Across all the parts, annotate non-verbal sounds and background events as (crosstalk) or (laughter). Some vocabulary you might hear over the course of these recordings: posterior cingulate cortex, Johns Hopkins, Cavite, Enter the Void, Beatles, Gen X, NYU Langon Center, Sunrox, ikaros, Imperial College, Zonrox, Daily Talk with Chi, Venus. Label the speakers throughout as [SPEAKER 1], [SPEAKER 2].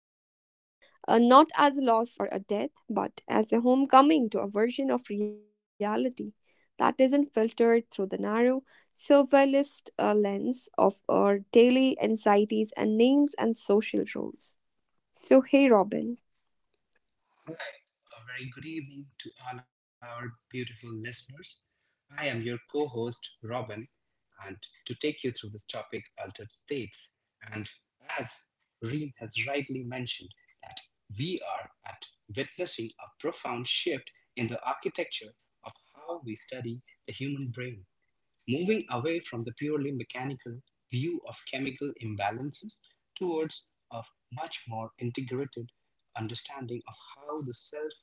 [SPEAKER 1] dissolution not as a loss or a death, but as a homecoming to a version of reality that isn't filtered through the narrow, surveillist lens of our daily anxieties and names and social roles. So, hey, Robin.
[SPEAKER 2] Hi, a very good evening to all our beautiful listeners. I am your co host, Robin, and to take you through this topic, altered states. And as Reem has rightly mentioned, that we are at witnessing a profound shift in the architecture of how we study the human brain moving away from the purely mechanical view of chemical imbalances towards a much more integrated understanding of how the self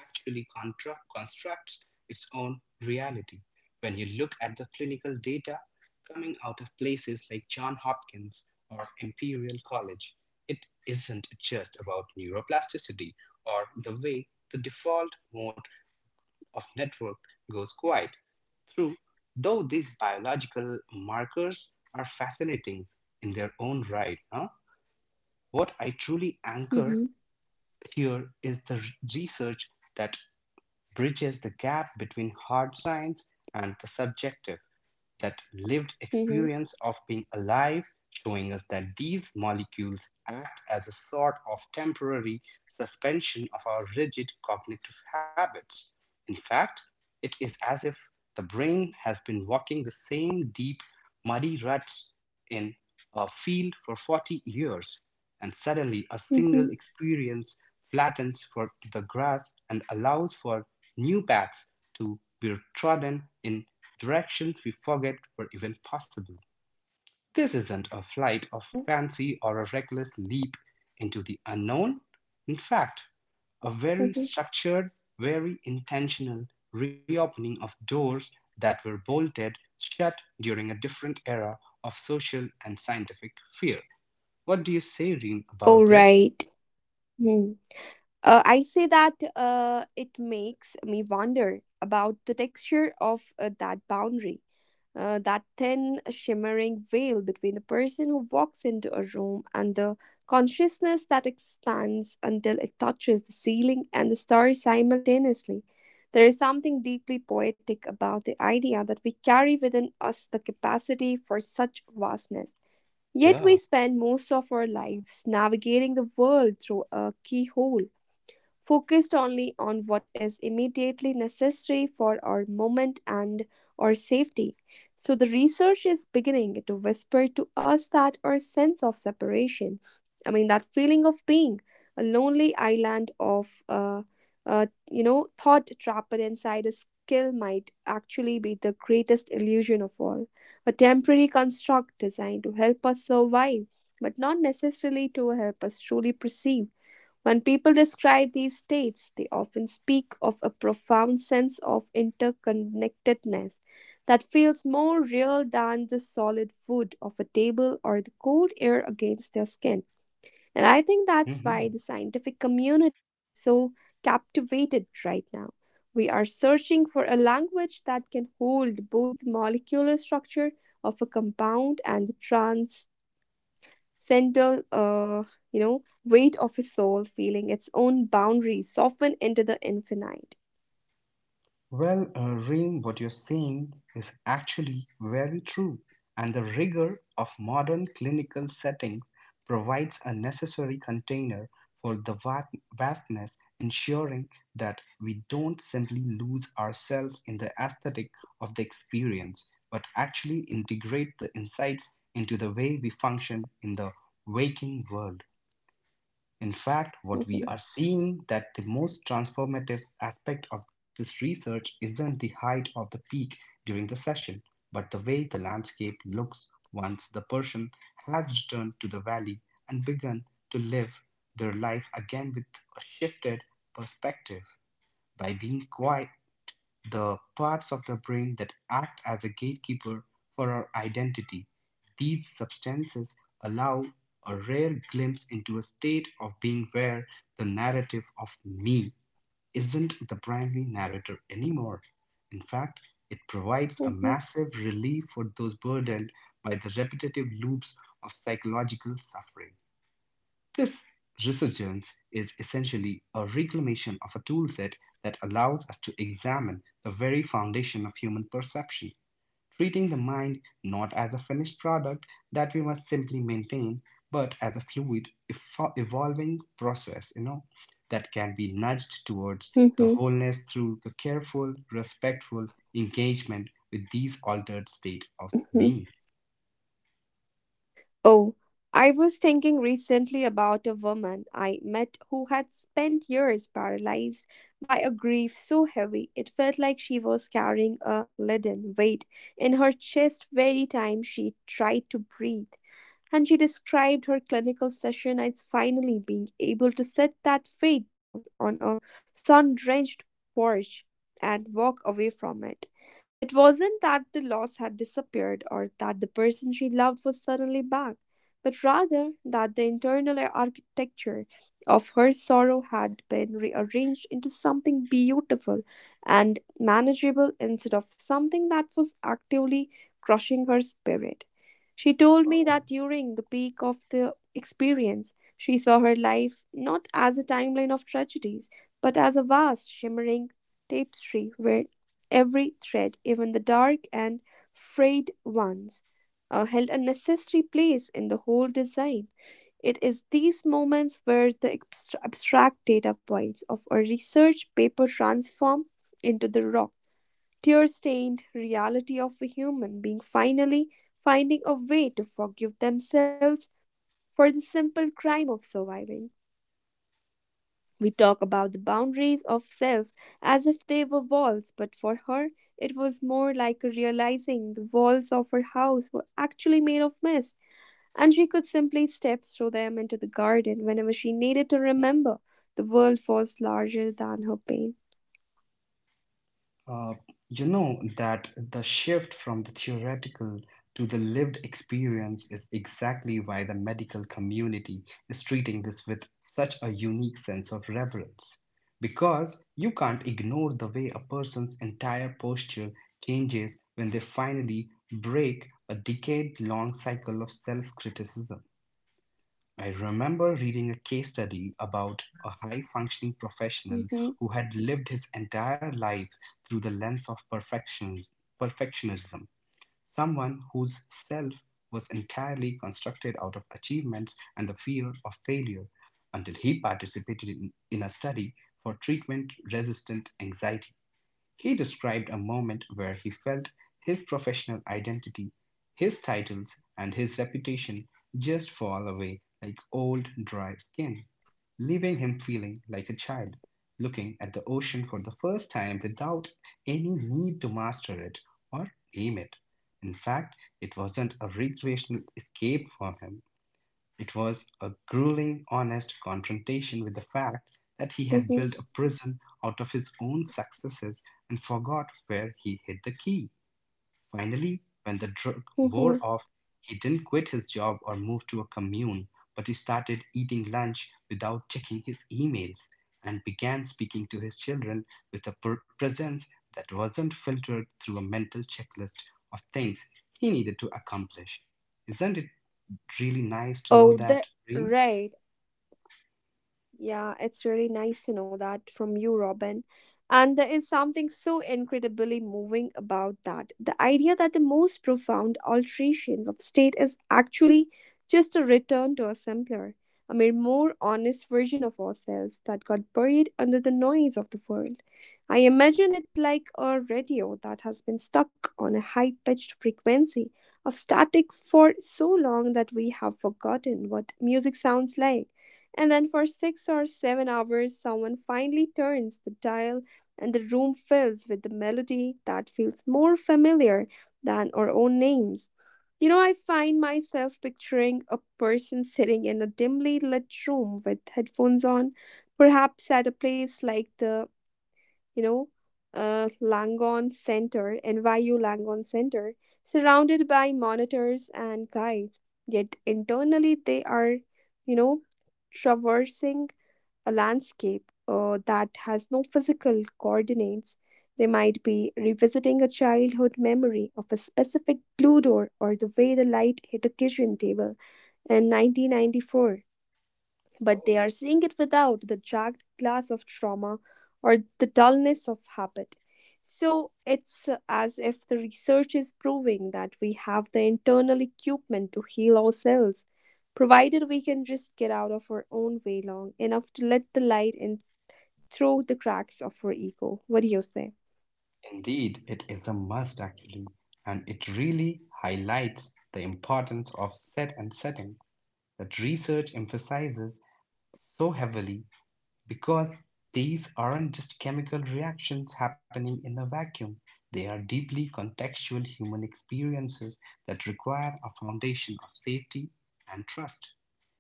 [SPEAKER 2] constructs its own reality. When you look at the clinical data coming out of places like Johns Hopkins or Imperial College, it isn't just about neuroplasticity or the way the default mode of network goes quiet through, though these biological markers are fascinating in their own right. Huh? What I truly anchor
[SPEAKER 1] Mm-hmm,
[SPEAKER 2] here is the research that bridges the gap between hard science and the subjective that lived
[SPEAKER 1] mm-hmm,
[SPEAKER 2] experience of being alive, showing us that these molecules act as a sort of temporary suspension of our rigid cognitive habits. In fact, it is as if the brain has been walking the same deep, muddy ruts in a field for 40 years, and suddenly a single
[SPEAKER 1] mm-hmm,
[SPEAKER 2] experience flattens for the grass and allows for new paths to be trodden in directions we forget were even possible. This isn't a flight of
[SPEAKER 1] mm-hmm,
[SPEAKER 2] fancy or a reckless leap into the unknown. In fact, a very
[SPEAKER 1] mm-hmm.
[SPEAKER 2] structured, very intentional reopening of doors that were bolted shut during a different era of social and scientific fear. What do you say, Reem,
[SPEAKER 1] All
[SPEAKER 2] about this?
[SPEAKER 1] right. Hmm. I say that it makes me wonder about the texture of that boundary. That thin, shimmering veil between the person who walks into a room and the consciousness that expands until it touches the ceiling and the stars simultaneously. There is something deeply poetic about the idea that we carry within us the capacity for such vastness. Yet we
[SPEAKER 2] Yeah.
[SPEAKER 1] spend most of our lives navigating the world through a keyhole focused only on what is immediately necessary for our moment and our safety. So the research is beginning to whisper to us that our sense of separation, I mean that feeling of being a lonely island of thought trapped inside a skill might actually be the greatest illusion of all, a temporary construct designed to help us survive, but not necessarily to help us truly perceive. When people describe these states, they often speak of a profound sense of interconnectedness that feels more real than the solid wood of a table or the cold air against their skin. And I think that's why
[SPEAKER 2] Hmm.
[SPEAKER 1] the scientific community is so captivated right now. We are searching for a language that can hold both the molecular structure of a compound and the trans central weight of his soul feeling its own boundaries soften into the infinite.
[SPEAKER 2] Well, Reem, what you're saying is actually very true, and the rigor of modern clinical settings provides a necessary container for the vastness, ensuring that we don't simply lose ourselves in the aesthetic of the experience, but actually integrate the insights into the way we function in the waking world. In fact, what we
[SPEAKER 1] Mhm,
[SPEAKER 2] are seeing that the most transformative aspect of this research isn't the height of the peak during the session, but the way the landscape looks once the person has returned to the valley and begun to live their life again with a shifted perspective by being quiet the parts of the brain that act as a gatekeeper for our identity. These substances allow a rare glimpse into a state of being where the narrative of me isn't the primary narrator anymore. In fact, it provides a
[SPEAKER 1] mhm,
[SPEAKER 2] massive relief for those burdened by the repetitive loops of psychological suffering. This resurgence is essentially a reclamation of a toolset that allows us to examine the very foundation of human perception, treating the mind not as a finished product that we must simply maintain, but as a fluid, evolving process, you know, that can be nudged towards the
[SPEAKER 1] mhm,
[SPEAKER 2] wholeness through the careful, respectful engagement with these altered state of
[SPEAKER 1] mhm.
[SPEAKER 2] being.
[SPEAKER 1] Oh, I was thinking recently about a woman I met who had spent years paralyzed by a grief so heavy it felt like she was carrying a leaden weight in her chest every time she tried to breathe. And she described her clinical session as finally being able to set that weight down on a sun drenched porch and walk away from it. It wasn't that the loss had disappeared or that the person she loved was suddenly back, but rather that the internal architecture of her sorrow had been rearranged into something beautiful and manageable instead of something that was actively crushing her spirit. She told me
[SPEAKER 2] Oh.
[SPEAKER 1] that during the peak of the experience, she saw her life not as a timeline of tragedies, but as a vast, shimmering tapestry where every thread, even the dark and frayed ones, held a necessary place in the whole design. It is these moments where the abstract data points of a research paper transform into the raw, tear stained reality of a human being finally finding a way to forgive themselves for the simple crime of surviving. We talk about the boundaries of self as if they were walls, but for her, it was more like realizing the walls of her house were actually made of mist and she could simply step through them into the garden whenever she needed to remember the world was larger than her pain.
[SPEAKER 2] Uh, you know that the shift from the theoretical to the lived experience is exactly why the medical community is treating this with such a unique sense of reverence. Because you can't ignore the way a person's entire posture changes when they finally break a decade long cycle of self criticism. I remember reading a case study about a high functioning professional
[SPEAKER 1] Mhm.
[SPEAKER 2] who had lived his entire life through the lens of perfectionism, someone whose self was entirely constructed out of achievements and the fear of failure, until he participated in a study for treatment resistant anxiety. He described a moment where he felt his professional identity, his titles, and his reputation just fall away like old, dry skin, leaving him feeling like a child, looking at the ocean for the first time without any need to master it or name it. In fact, it wasn't a recreational escape for him. It was a grueling, honest confrontation with the fact that he had
[SPEAKER 1] Mm-hmm.
[SPEAKER 2] built a prison out of his own successes and forgot where he hid the key. Finally, when the drug wore
[SPEAKER 1] Mm-hmm.
[SPEAKER 2] off, he didn't quit his job or move to a commune, but he started eating lunch without checking his emails and began speaking to his children with a presence that wasn't filtered through a mental checklist of things he needed to accomplish. Isn't it really nice to know
[SPEAKER 1] Oh, the
[SPEAKER 2] that, Reem.
[SPEAKER 1] right. Yeah, it's really nice to know that from you, Robin. And there is something so incredibly moving about that. The idea that the most profound alterations of state is actually just a return to a simpler, a mere more honest version of ourselves that got buried under the noise of the world. I imagine it like a radio that has been stuck on a high pitched frequency of static for so long that we have forgotten what music sounds like, and then for 6 or 7 hours, someone finally turns the dial and the room fills with the melody that feels more familiar than our own names. You know, I find myself picturing a person sitting in a dimly lit room with headphones on, perhaps at a place like the you know, Langon Center, NYU Langon Center, surrounded by monitors and guides. Yet internally, they are, you know, traversing a landscape that has no physical coordinates. They might be revisiting a childhood memory of a specific blue door or the way the light hit a kitchen table in 1994, but they
[SPEAKER 2] Oh,
[SPEAKER 1] are seeing it without the jagged glass of trauma or the dullness of habit. So it's as if the research is proving that we have the internal equipment to heal ourselves, provided we can just get out of our own way long enough to let the light in through the cracks of our ego. What do you say?
[SPEAKER 2] indeed, it is a must actually, and it really highlights the importance of set and setting that research emphasizes so heavily because these aren't just chemical reactions happening in a vacuum. They are deeply contextual human experiences that require a foundation of safety and trust.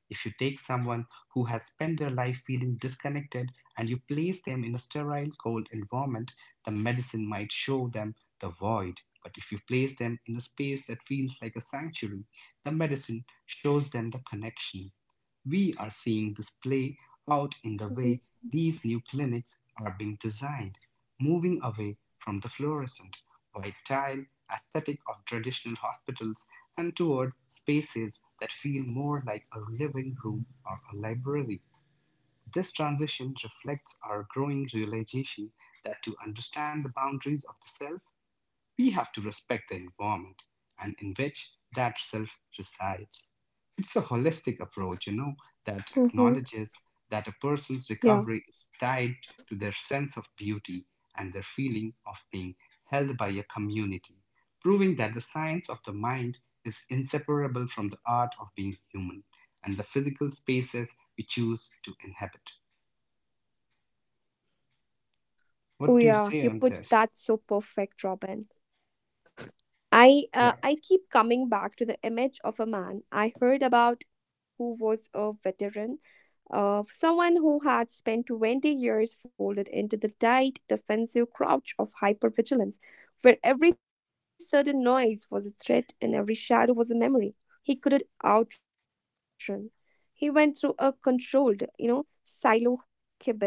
[SPEAKER 2] If you take someone who has spent their life feeling disconnected and you place them in a sterile, cold environment, the medicine might show them the void. But if you place them in a space that feels like a sanctuary, the medicine shows them the connection. We are seeing this play out in the
[SPEAKER 1] Mhm.
[SPEAKER 2] way these new clinics are being designed, moving away from the fluorescent vital aesthetic of traditional hospitals and toward spaces that feel more like a living room or a library. This transition reflects our growing realization that to understand the boundaries of the self, we have to respect the environment and in which that self resides. It's a holistic approach, you know, that
[SPEAKER 1] Mhm.
[SPEAKER 2] acknowledges that a person's
[SPEAKER 1] Yeah.
[SPEAKER 2] recovery is tied to their sense of beauty and their feeling of being held by a community, proving that the science of the mind is inseparable from the art of being human and the physical spaces we choose to inhabit. What
[SPEAKER 1] Oh
[SPEAKER 2] do you
[SPEAKER 1] yeah,
[SPEAKER 2] say
[SPEAKER 1] you
[SPEAKER 2] on
[SPEAKER 1] put
[SPEAKER 2] this?
[SPEAKER 1] that so perfect, Robin. I
[SPEAKER 2] Yeah.
[SPEAKER 1] uh, I keep coming back to the image of a man I heard about who was a veteran, of someone who had spent 20 years folded into the tight, defensive crouch of hypervigilance, where every sudden noise was a threat and every shadow was a memory he couldn't outrun. He went through a controlled, silo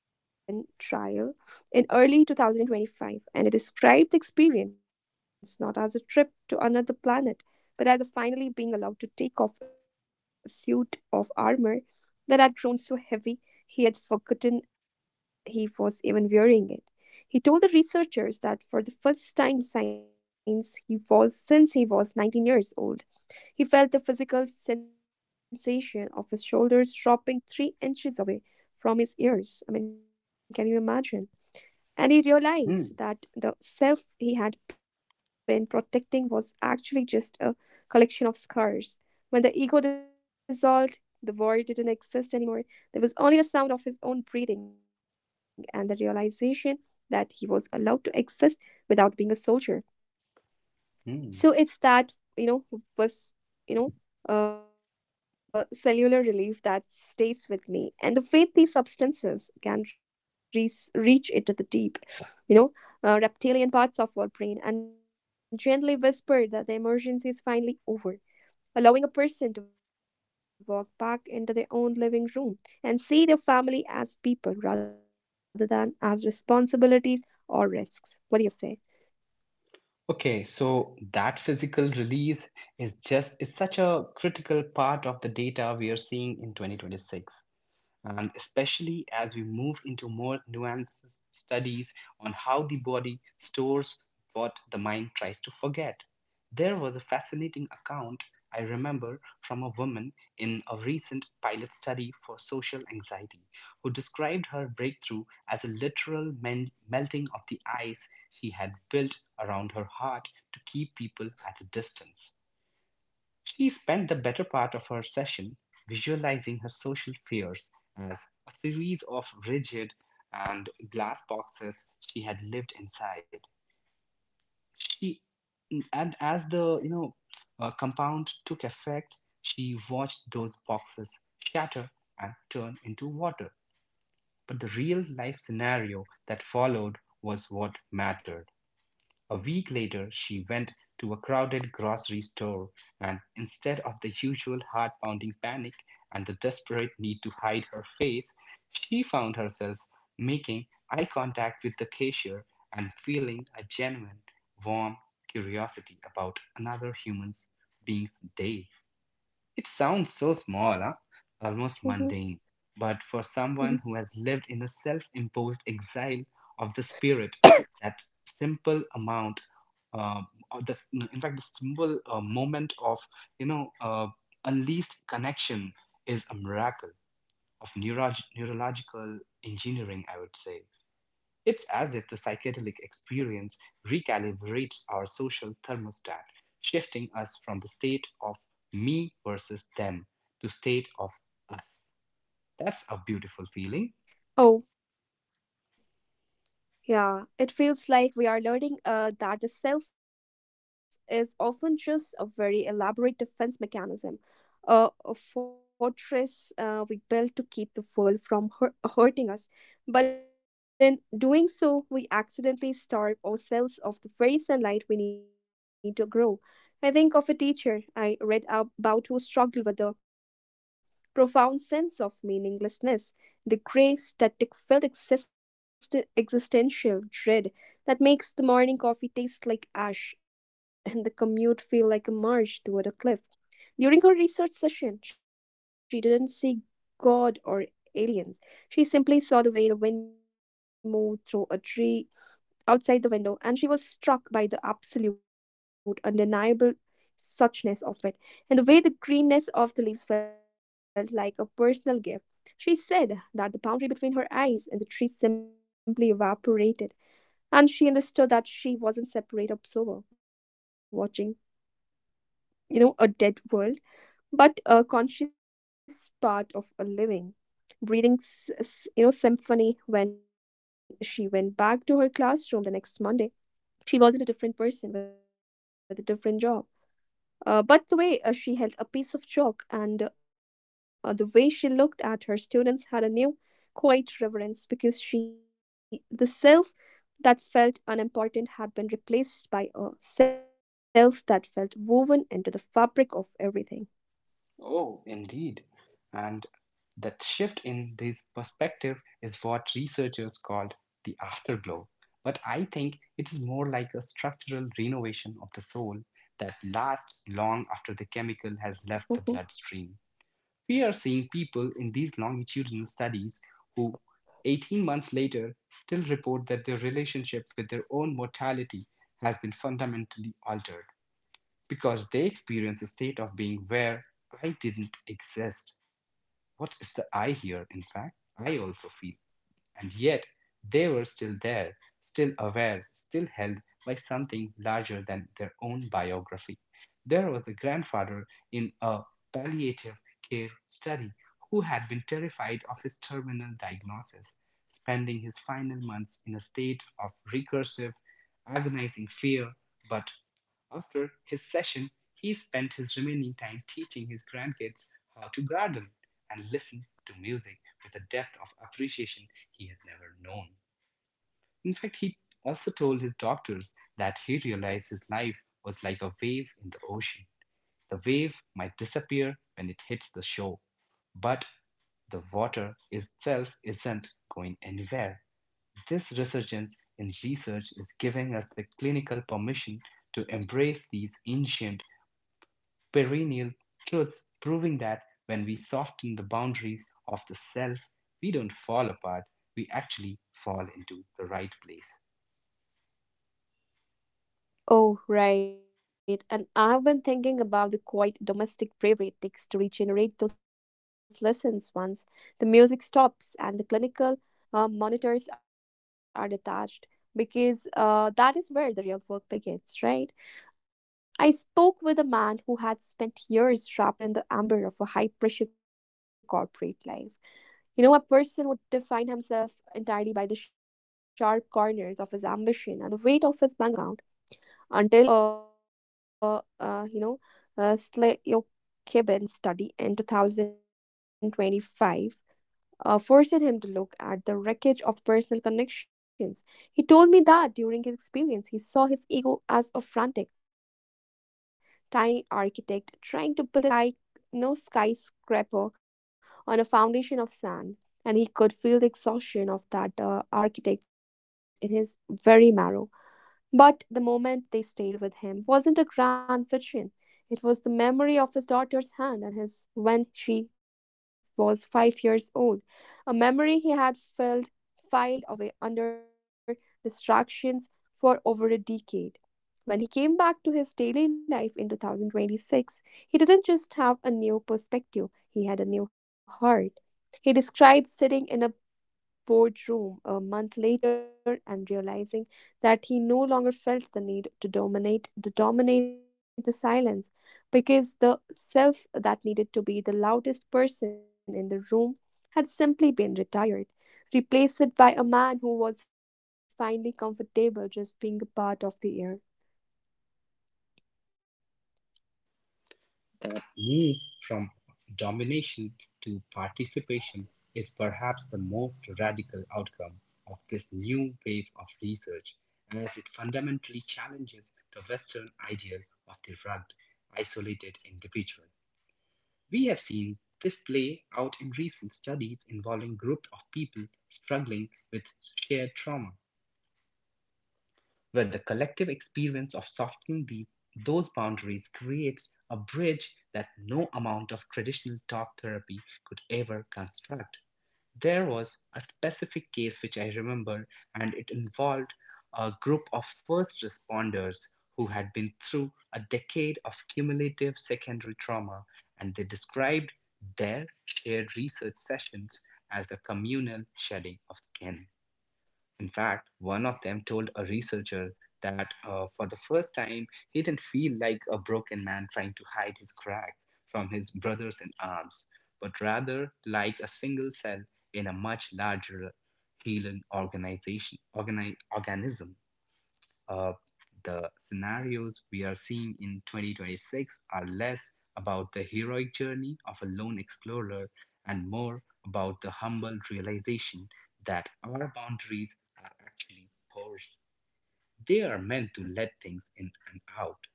[SPEAKER 1] Kibben trial in early 2025, and it described the experience not as a trip to another planet, but as a finally being allowed to take off a suit of armor that had grown so heavy he had forgotten he was even wearing it. He told the researchers that for the first time since he was 19 years old, he felt the physical sensation of his shoulders dropping 3 inches away from his ears. I mean, can you imagine? And he
[SPEAKER 2] Mm,
[SPEAKER 1] realized that the self he had been protecting was actually just a collection of scars. When the ego dissolved, the void didn't exist anymore. There was only the sound of his own breathing and the realization that he was allowed to exist without being a soldier. So
[SPEAKER 2] mm.
[SPEAKER 1] it's that, you know, was, you know, cellular relief that stays with me. And the way these substances can reach into the deep, you know, reptilian parts of our brain and gently whisper that the emergency is finally over, allowing a person to walk back into their own living room and see their family as people rather than as responsibilities or risks. What do you say?
[SPEAKER 2] Okay, so that physical release is such a critical part of the data we are seeing in 2026. And especially as we move into more nuanced studies on how the body stores what the mind tries to forget. There was a fascinating account I remember from a woman in a recent pilot study for social anxiety who described her breakthrough as a literal melting of the ice she had built around her heart to keep people at a distance. She spent the better part of her session visualizing her social fears as a series of rigid and glass boxes she had lived inside. She and as the you know Compound took effect, she watched those boxes shatter and turn into water. But the real life scenario that followed was what mattered. A week later, she went to a crowded grocery store, and instead of the usual heart pounding panic and the desperate need to hide her face, she found herself making eye contact with the cashier and feeling a genuine, warm curiosity about another human being's day. It sounds so small, huh?
[SPEAKER 1] Hmm.
[SPEAKER 2] almost mundane, but for
[SPEAKER 1] Hmm.
[SPEAKER 2] someone who has lived in a self imposed exile of the spirit, that simple amount, uh, of the, in fact, the simple moment of, you know, uh, unleashed connection is a miracle of neurological engineering, I would say. It's as if the psychedelic experience recalibrates our social thermostat, shifting us from the state of me versus them to state of us. That's a beautiful feeling.
[SPEAKER 1] Oh, yeah, it feels like we are learning that the self is often just a very elaborate defense mechanism, a fortress we built to keep the world from hurting us. But in doing so, we accidentally starve ourselves of the very sunlight we need to grow. I think of a teacher I read about who struggled with a profound sense of meaninglessness, the gray, static filled existential dread that makes the morning coffee taste like ash and the commute feel like a march toward a cliff. During her research session, she didn't see God or aliens. She simply saw the way the wind moved through a tree outside the window, and she was struck by the absolute, undeniable suchness of it, and the way the greenness of the leaves felt like a personal gift. She said that the boundary between her eyes and the trees simply evaporated, and she understood that she wasn't separate observer watching, a dead world, but a conscious part of a living, breathing, symphony. When she went back to her classroom the next Monday, she wasn't a different person with a different job. But the way she held a piece of chalk and the way she looked at her students had a new, quiet reverence because she, the self that felt unimportant, had been replaced by a self that felt woven into the fabric of everything.
[SPEAKER 2] Oh, indeed. And that shift in this perspective is what researchers called the afterglow. But I think it is more like a structural renovation of the soul that lasts long after the chemical has left the
[SPEAKER 1] Mhm.
[SPEAKER 2] bloodstream. We are seeing people in these longitudinal studies who, 18 months later, still report that their relationship with their own mortality has been fundamentally altered because they experience a state of being where I didn't exist. What is the I here, in fact? I also feel. And yet they were still there, still aware, still held by something larger than their own biography. There was a grandfather in a palliative care study who had been terrified of his terminal diagnosis, spending his final months in a state of recursive, agonizing fear, but after his session, he spent his remaining time teaching his grandkids how to garden and listen to music with a depth of appreciation he had never known. In fact, he also told his doctors that he realized his life was like a wave in the ocean. The wave might disappear when it hits the shore, but the water itself isn't going anywhere. This resurgence in research is giving us the clinical permission to embrace these ancient perennial truths proving that when we soften the boundaries of the self, we don't fall apart, we actually fall into the right place.
[SPEAKER 1] Oh, right. And I've been thinking about the quiet domestic bravery it takes to regenerate those lessons once the music stops and the clinical monitors are detached, because that is where the real work begins, right? I spoke with a man who had spent years trapped in the amber of a high pressure corporate life. You know, a person would define himself entirely by the sharp corners of his ambition and the weight of his bank account until Slayokibin study in 2025 forced him to look at the wreckage of his personal connections. He told me that during his experience, he saw his ego as a frantic, tiny architect trying to build a sky, no skyscraper on a foundation of sand, and he could feel the exhaustion of that architect in his very marrow. But the moment they stayed with him wasn't a grand vision. It was the memory of his daughter's hand and his when she was 5 years old, a memory he had filed away under distractions for over a decade. When he came back to his daily life in 2026, he didn't just have a new perspective, he had a new heart. He described sitting in a boardroom a month later and realizing that he no longer felt the need to dominate the silence because the self that needed to be the loudest person in the room had simply been retired, replaced by a man who was finally comfortable just being a part of the air.
[SPEAKER 2] Move from domination to participation is perhaps the most radical outcome of this new wave of research, as it fundamentally challenges the Western ideal of the rugged, isolated individual. We have seen this play out in recent studies involving groups of people struggling with shared trauma, where the collective experience of softening those boundaries creates a bridge that no amount of traditional talk therapy could ever construct. There was a specific case which I remember, and it involved a group of first responders who had been through a decade of cumulative secondary trauma, and they described their shared research sessions as a communal shedding of skin. In fact, one of them told a researcher that for the first time, he didn't feel like a broken man trying to hide his cracks from his brothers in arms, but rather like a single cell in a much larger healing organism uh, the scenarios we are seeing in 2026 are less about the heroic journey of a lone explorer and more about the humble realization that our boundaries are actually porous. They are meant to let things in and out.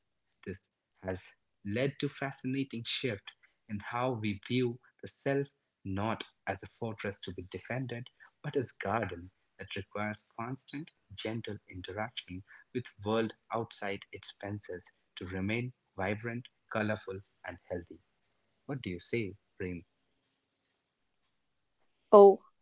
[SPEAKER 2] This has led to a fascinating shift in how we view the self, not as a fortress to be defended, but as a garden that requires constant, gentle interaction with the world outside its fences to remain vibrant, colorful, and healthy. What do you say, Reem?
[SPEAKER 1] Oh,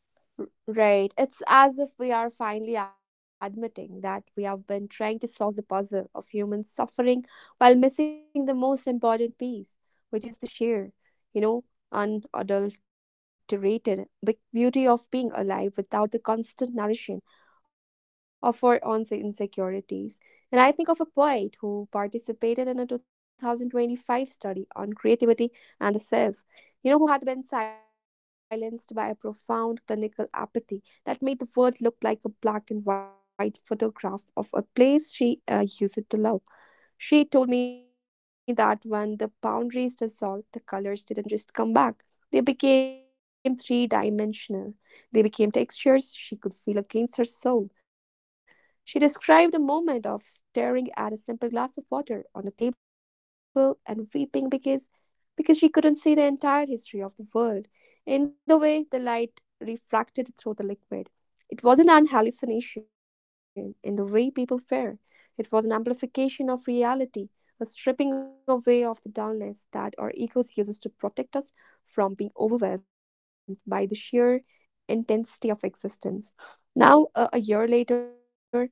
[SPEAKER 1] R- Right. It's as if we are finally admitting that we have been trying to solve the puzzle of human suffering while missing the most important piece, which is the sheer, you know, unadulterated big beauty of being alive without the constant narration of our own insecurities. And I think of a poet who participated in a 2025 study on creativity and the self, you know, who had been silenced by a profound clinical apathy that made the world look like a black and white photograph of a place she used to love. She told me that when the boundaries dissolved, the colors didn't just come back. They became three dimensional. They became textures she could feel against her soul. She described a moment of staring at a simple glass of water on a table and weeping because she couldn't see the entire history of the world in the way the light refracted through the liquid. It wasn't an hallucination in the way people fear. It was an amplification of reality, a stripping away of the dullness that our egos uses to protect us from being overwhelmed by the sheer intensity of existence. Now, a year later,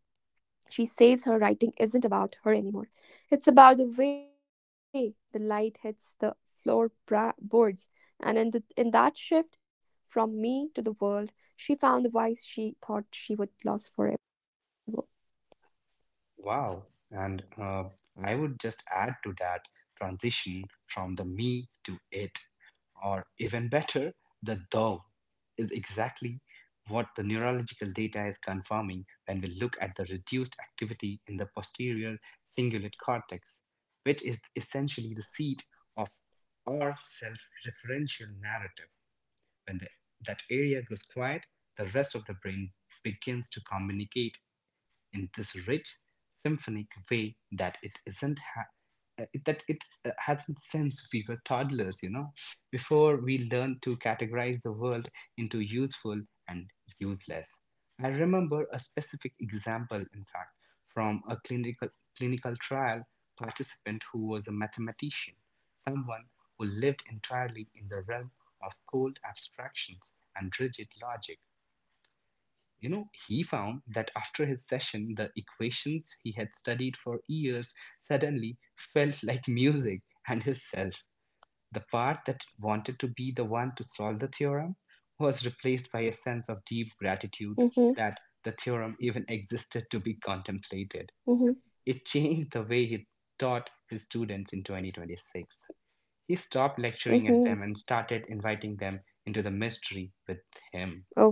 [SPEAKER 1] she says her writing isn't about her anymore. It's about the way the light hits the floorboards. And in that shift from me to the world, she found the voice she thought she would lose forever.
[SPEAKER 2] Wow. And I would just add to that transition from the me to it, or even better, the thou, is exactly what the neurological data is confirming when we look at the reduced activity in the posterior cingulate cortex, which is essentially the seat of our self referential narrative. When the, that area goes quiet, the rest of the brain begins to communicate in this rich, symphonic way that it isn't ha- that it hasn't since we were toddlers, you know, before we learned to categorize the world into useful and useless. I remember a specific example, in fact, from a clinical trial participant who was a mathematician, someone who lived entirely in the realm of cold abstractions and rigid logic. You know, he found that after his session, the equations he had studied for years suddenly felt like music and his self. The part that wanted to be the one to solve the theorem was replaced by a sense of deep gratitude
[SPEAKER 1] Mm-hmm,
[SPEAKER 2] that the theorem even existed to be contemplated.
[SPEAKER 1] mm-hmm,
[SPEAKER 2] It changed the way he taught his students in 2026. He stopped lecturing at them
[SPEAKER 1] mm-hmm.
[SPEAKER 2] and started inviting them into the mystery with him.
[SPEAKER 1] Oh,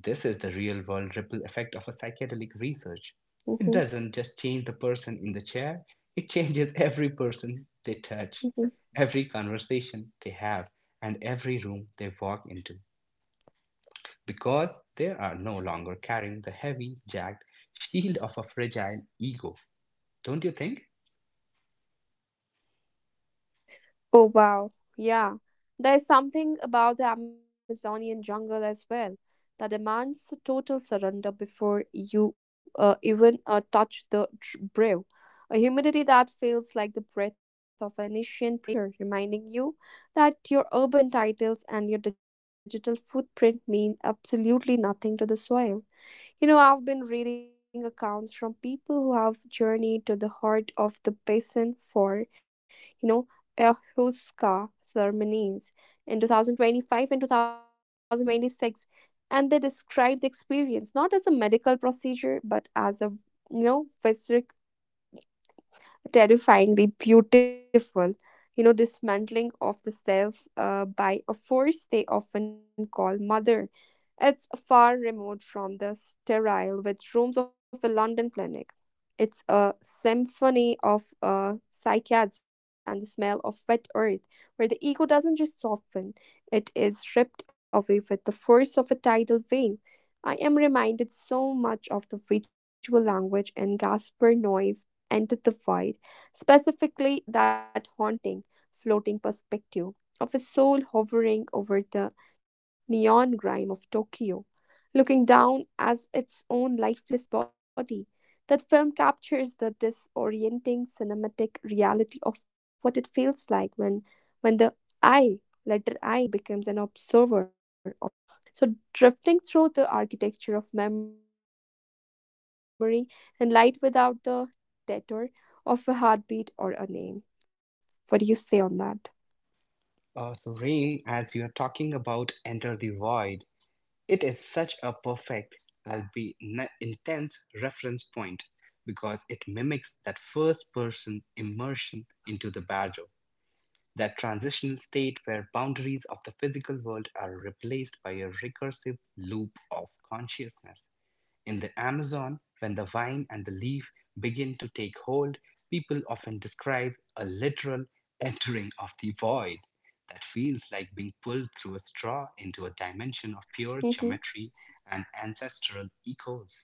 [SPEAKER 2] This is the real world ripple effect of a psychedelic research. It doesn't
[SPEAKER 1] mm-hmm,
[SPEAKER 2] just change the person in the chair, it changes every person they touch,
[SPEAKER 1] mm-hmm.
[SPEAKER 2] every conversation they have, and every room they walk into. Because they are no longer carrying the heavy, jagged shield of a fragile ego. Don't you think?
[SPEAKER 1] Oh wow, yeah. There is something about the Amazonian jungle as well that demands total surrender before you even touch the brew. A humidity that feels like the breath of an ancient predator, reminding you that your urban titles and your digital footprint mean absolutely nothing to the soil. You know, I've been reading accounts from people who have journeyed to the heart of the basin for, you know, Ehuska ceremonies in 2025 and 2026. And they describe the experience not as a medical procedure, but as a, you know, visceral, terrifyingly beautiful, you know, dismantling of the self by a force they often call mother. It's far remote from the sterile withrooms of a London clinic. It's a symphony of cycads and the smell of wet earth, where the ego doesn't just soften, it is stripped away with the force of a tidal wave. I am reminded so much of the visual language in Gaspar Noy's Enter the Void, specifically that haunting, floating perspective of a soul hovering over the neon grime of Tokyo, looking down as its own lifeless body. That film captures the disorienting cinematic reality of what it feels like when when the I, letter I becomes an observer of its own dissolution, so drifting through the architecture of memory and light without the detour of a heartbeat or a name. What do you say on that?
[SPEAKER 2] So, Rain, as you're talking about Enter the Void, it is such a perfect, albeit intense, reference point because it mimics that first person immersion into the bardo, that transitional state where boundaries of the physical world are replaced by a recursive loop of consciousness. In the Amazon, when the vine and the leaf begin to take hold, people often describe a literal (laughs) entering of the void that feels like being pulled through a straw into a dimension of pure
[SPEAKER 1] Mm-hmm,
[SPEAKER 2] geometry and ancestral echoes.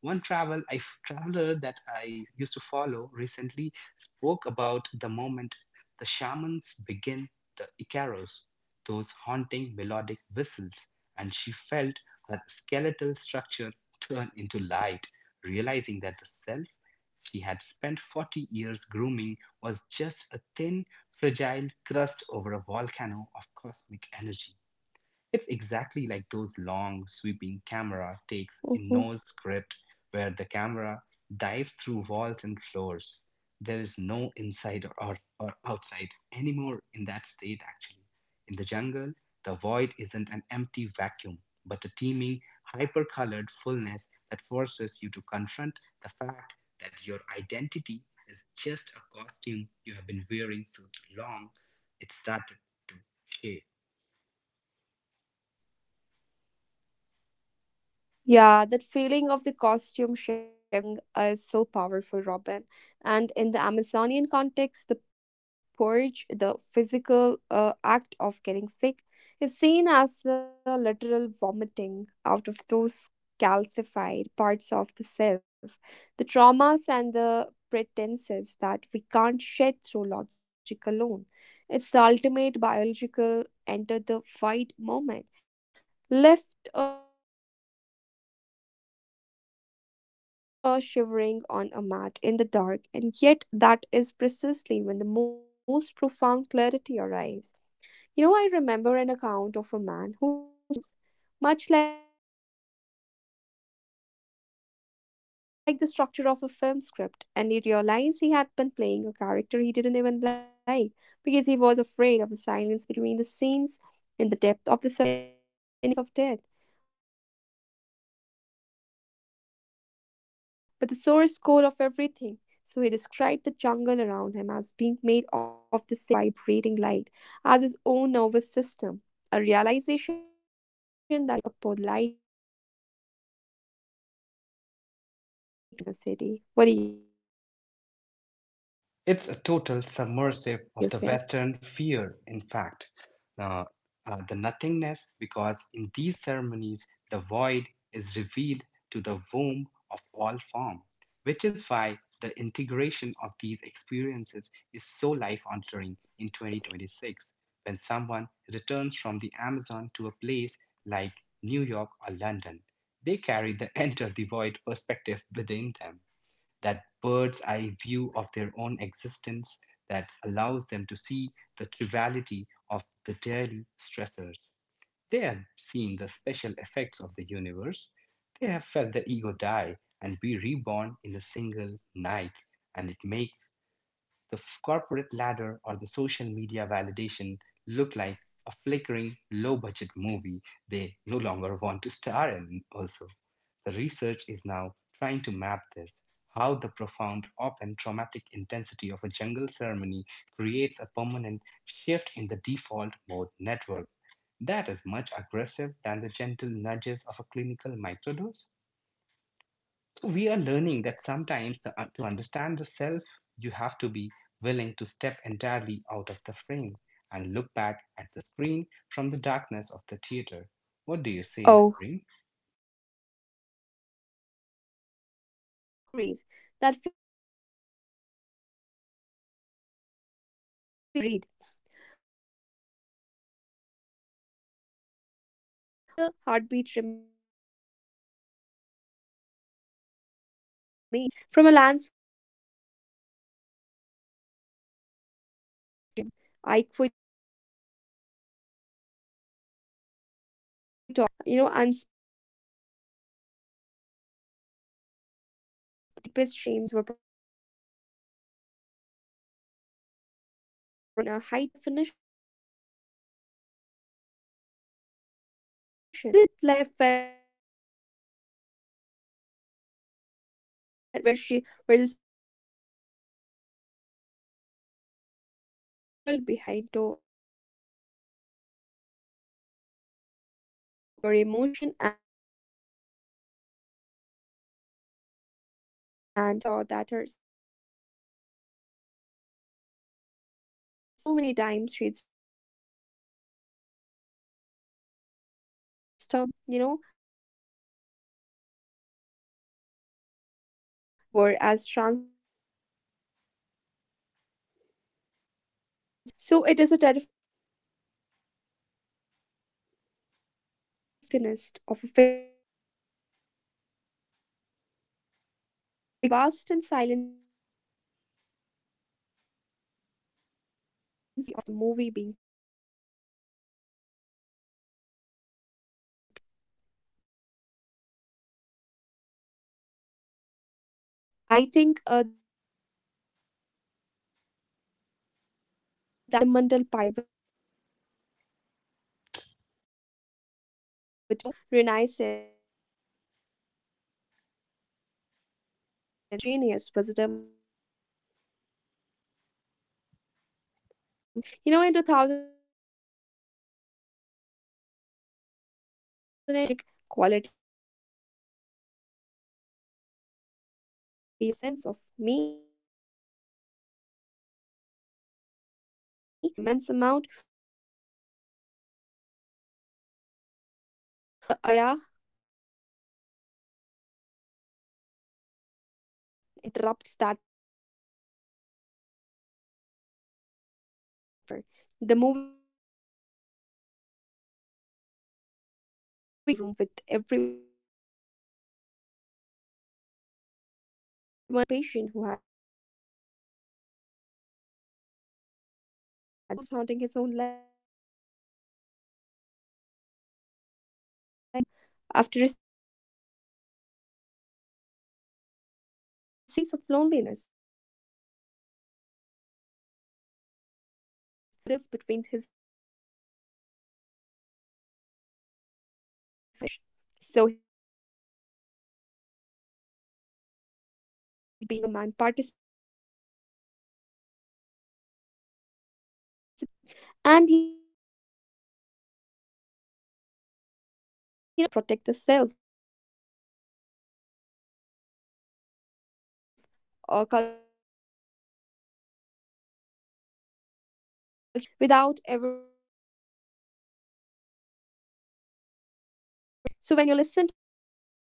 [SPEAKER 2] One travel I, traveler that I used to follow recently spoke about the moment the shamans begin the ikaros, those haunting melodic whistles, and she felt her skeletal structure turn into light, realizing that the self she had spent 40 years grooming was just a thin, fragile crust over a volcano of cosmic energy. It's exactly like those long, sweeping camera takes in no
[SPEAKER 1] mm-hmm.
[SPEAKER 2] script where the camera dives through walls and floors. There is no inside or outside anymore in that state, actually. In the jungle, the void isn't an empty vacuum, but a teeming, hyper colored fullness that forces you to confront the fact that your identity is just a costume you have been wearing so long it started to shade.
[SPEAKER 1] Yeah, that feeling of the costume shifting is so powerful, Robin. And in the Amazonian context, the purge, the physical act of getting sick, is seen as the literal vomiting out of those calcified parts of the self, the traumas and the pretenses that we can't shed through logic alone. It's the ultimate biological enter the fight moment where you are stripped of all dignity and all control, left shivering on a mat in the dark, and yet that is precisely when the most profound clarity arrives. You know, I remember an account of a man who saw his life as a series of celluloid frames, much like the structure of a film script, and he realized he had been playing a character he didn't even like because he was afraid of the silence between the scenes. In the depth of the ceremony, he entered that silence, the void, and found it wasn't a place of death, but the source code of everything. So he described the jungle around him as being made of the same vibrating light as his own nervous system, a realization that makes the boundary between the human and the forest seem like a polite fiction we tell ourselves to sane in a city. What do you say?
[SPEAKER 2] It's a total submersive of the Western fear, in fact, uh,
[SPEAKER 1] Hmm.
[SPEAKER 2] the nothingness, because in these ceremonies, the void is revealed to the womb of all form, which is why the integration of these experiences is so life altering in 2026 when someone returns from the Amazon to a place like New York or London. They carry the (laughs) enter the void perspective within them, that bird's eye view of their own existence that allows them to see the triviality of the daily stressors. They have seen the special effects of the universe. They have felt the
[SPEAKER 1] Hmm.
[SPEAKER 2] ego die and be reborn in a single night, and it makes the corporate ladder or the social media validation look like a flickering, low budget movie they no longer want to star in, also. The research is now trying to map this, how the profound, often traumatic intensity of a jungle ceremony creates a permanent shift in the default mode network that is much aggressive than the gentle nudges of a clinical microdose.
[SPEAKER 1] Hmm.
[SPEAKER 2] We are learning that sometimes to understand the self, you have to be willing to step entirely out of the frame and look back at the screen from the darkness of the theater. What do you say,
[SPEAKER 1] Oh,
[SPEAKER 2] Rin?
[SPEAKER 1] Oh, there is a raw, jagged edge of those jungle stories that feels almost like the deleted scenes from a script we were never meant to read, where the polish of our modern lives is stripped away until only the heartbeat remains. I was reading a 2026 journal entry from a landscape architect who traveled to the, you know, uh, Quito's region, Iquitos region, and she described her experience as being, you know, unspooled like a reel of film, where her childhood, her failures, and her deepest shames were projected onto the canopy of the rainforest in a high definition clarity that no cinema could ever replicate. She said it felt like the end of the white transition where the soul is sucked through the light bulb, leaving the physical world behind to traverse a landscape made of pure emotion and vibrating frequency. So, in that space, she saw that herself was just a collection of stories she had told so many times she had started to believe they were solid, but the, you know, ayahuasca showed her that these stories were as translucent and temporary as the morning mist on the Amazon River. So it is a terrifying realization to find that you're not the, you know, protagonist of a fixed drama, but rather the space in which the drama is unfolding, a vast and silent screen that remains untouched by the violence or the beauty of the movie being played upon it. What do you say? And I think that shift from being the actor to being the screen is the fundamental pivot point of the entire psychedelic, you know, renaissance. Especially as we bridge the gap between the ancient and the indigenous wisdom and our current neurobiological frameworks. You know, in 2026, we are finally developing a vocabulary for the cinematic quality of the mind, acknowledging that the brain's ability to generate a sense of me is essentially a high budget production that requires an immense amount of metabolic energy to maintain. So, when the ayah. Huska or the, you know, Cyclopen interrupts that production, it is like a power failure in the theater. The movie cuts out, the lights go up, and you realize you have been sitting in a room with everyone else all along. So then I remember a researcher talking about a patient who had lived a life of extreme isolation, someone who felt like a ghost haunting his own life, much like the, you know, protagonist in the noise film. After a series of guided sessions, he described the void not as a place of loneliness, but as a place of total inclusion, where the barrier, the hurdles between his skin and the air was no longer a border but a bridge. So he went from being a man trapped in a monologue to being a man participating in a dialogue with existence itself. And you know, it makes me think about how we have spent centuries trying to protect the self from the void, building these elaborate culture or cultural and psychological bunkers to keep the darkness at bay, without ever realizing that the darkness is actually where the healing lives. So when you listen to the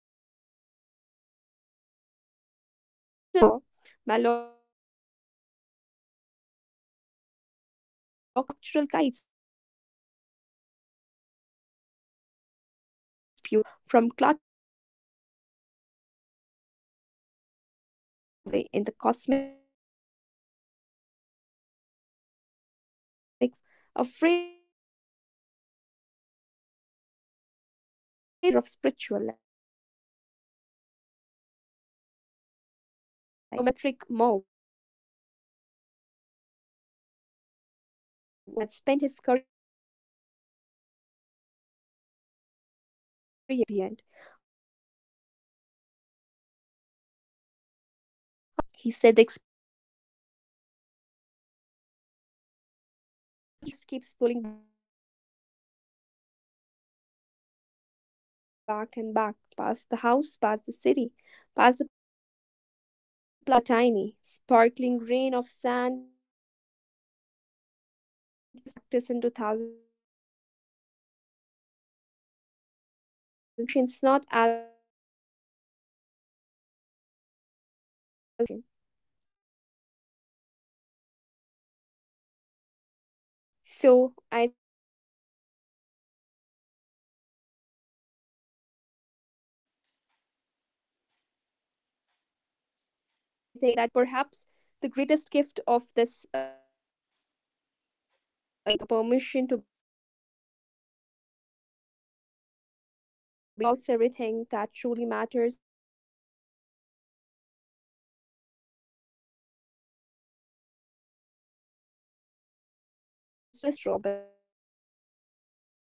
[SPEAKER 1] Icaros in a Malacca, those songs aren't just melodies, they are structural guides designed to help you navigate the dissolution, to keep you from clutching at the fragments of your ego as they blow away in the cosmic wind. It's the ultimate real life scenario of letting go, a phrase we use so casually in yoga classes but becomes a matter of spiritual life and death when you are staring into the geometric maw of the infinite. And I think of a doctor I met who had spent his career treating the dying, yet was himself terrified out of the end, until he sat with the medicine in 2025. He said the experience was like the final shot of a movie, where the camera just keeps pulling back and back, past the house, past the city, past the planet, until everything he once thought was big became a tiny, sparkling grain of sand in a beach of light. He came back to his practice in 2026 with a stillness that was infectious, treating his patients not as failing machines, but as waves returning to the ocean. So I think it's time to give a pause. And lastly, I would like to say that perhaps the greatest gift of this, you know, psychedelic r- resurgence is simply the permission to be still, to breathe, and to know that even when the self dissolves, everything that truly matters remains perfectly intact, shimmering in the dark. So thank you for listening to us. This was your host, Reem, with my fantastic co-host, Robin. We will catch you in the next episode. Till then, bye bye.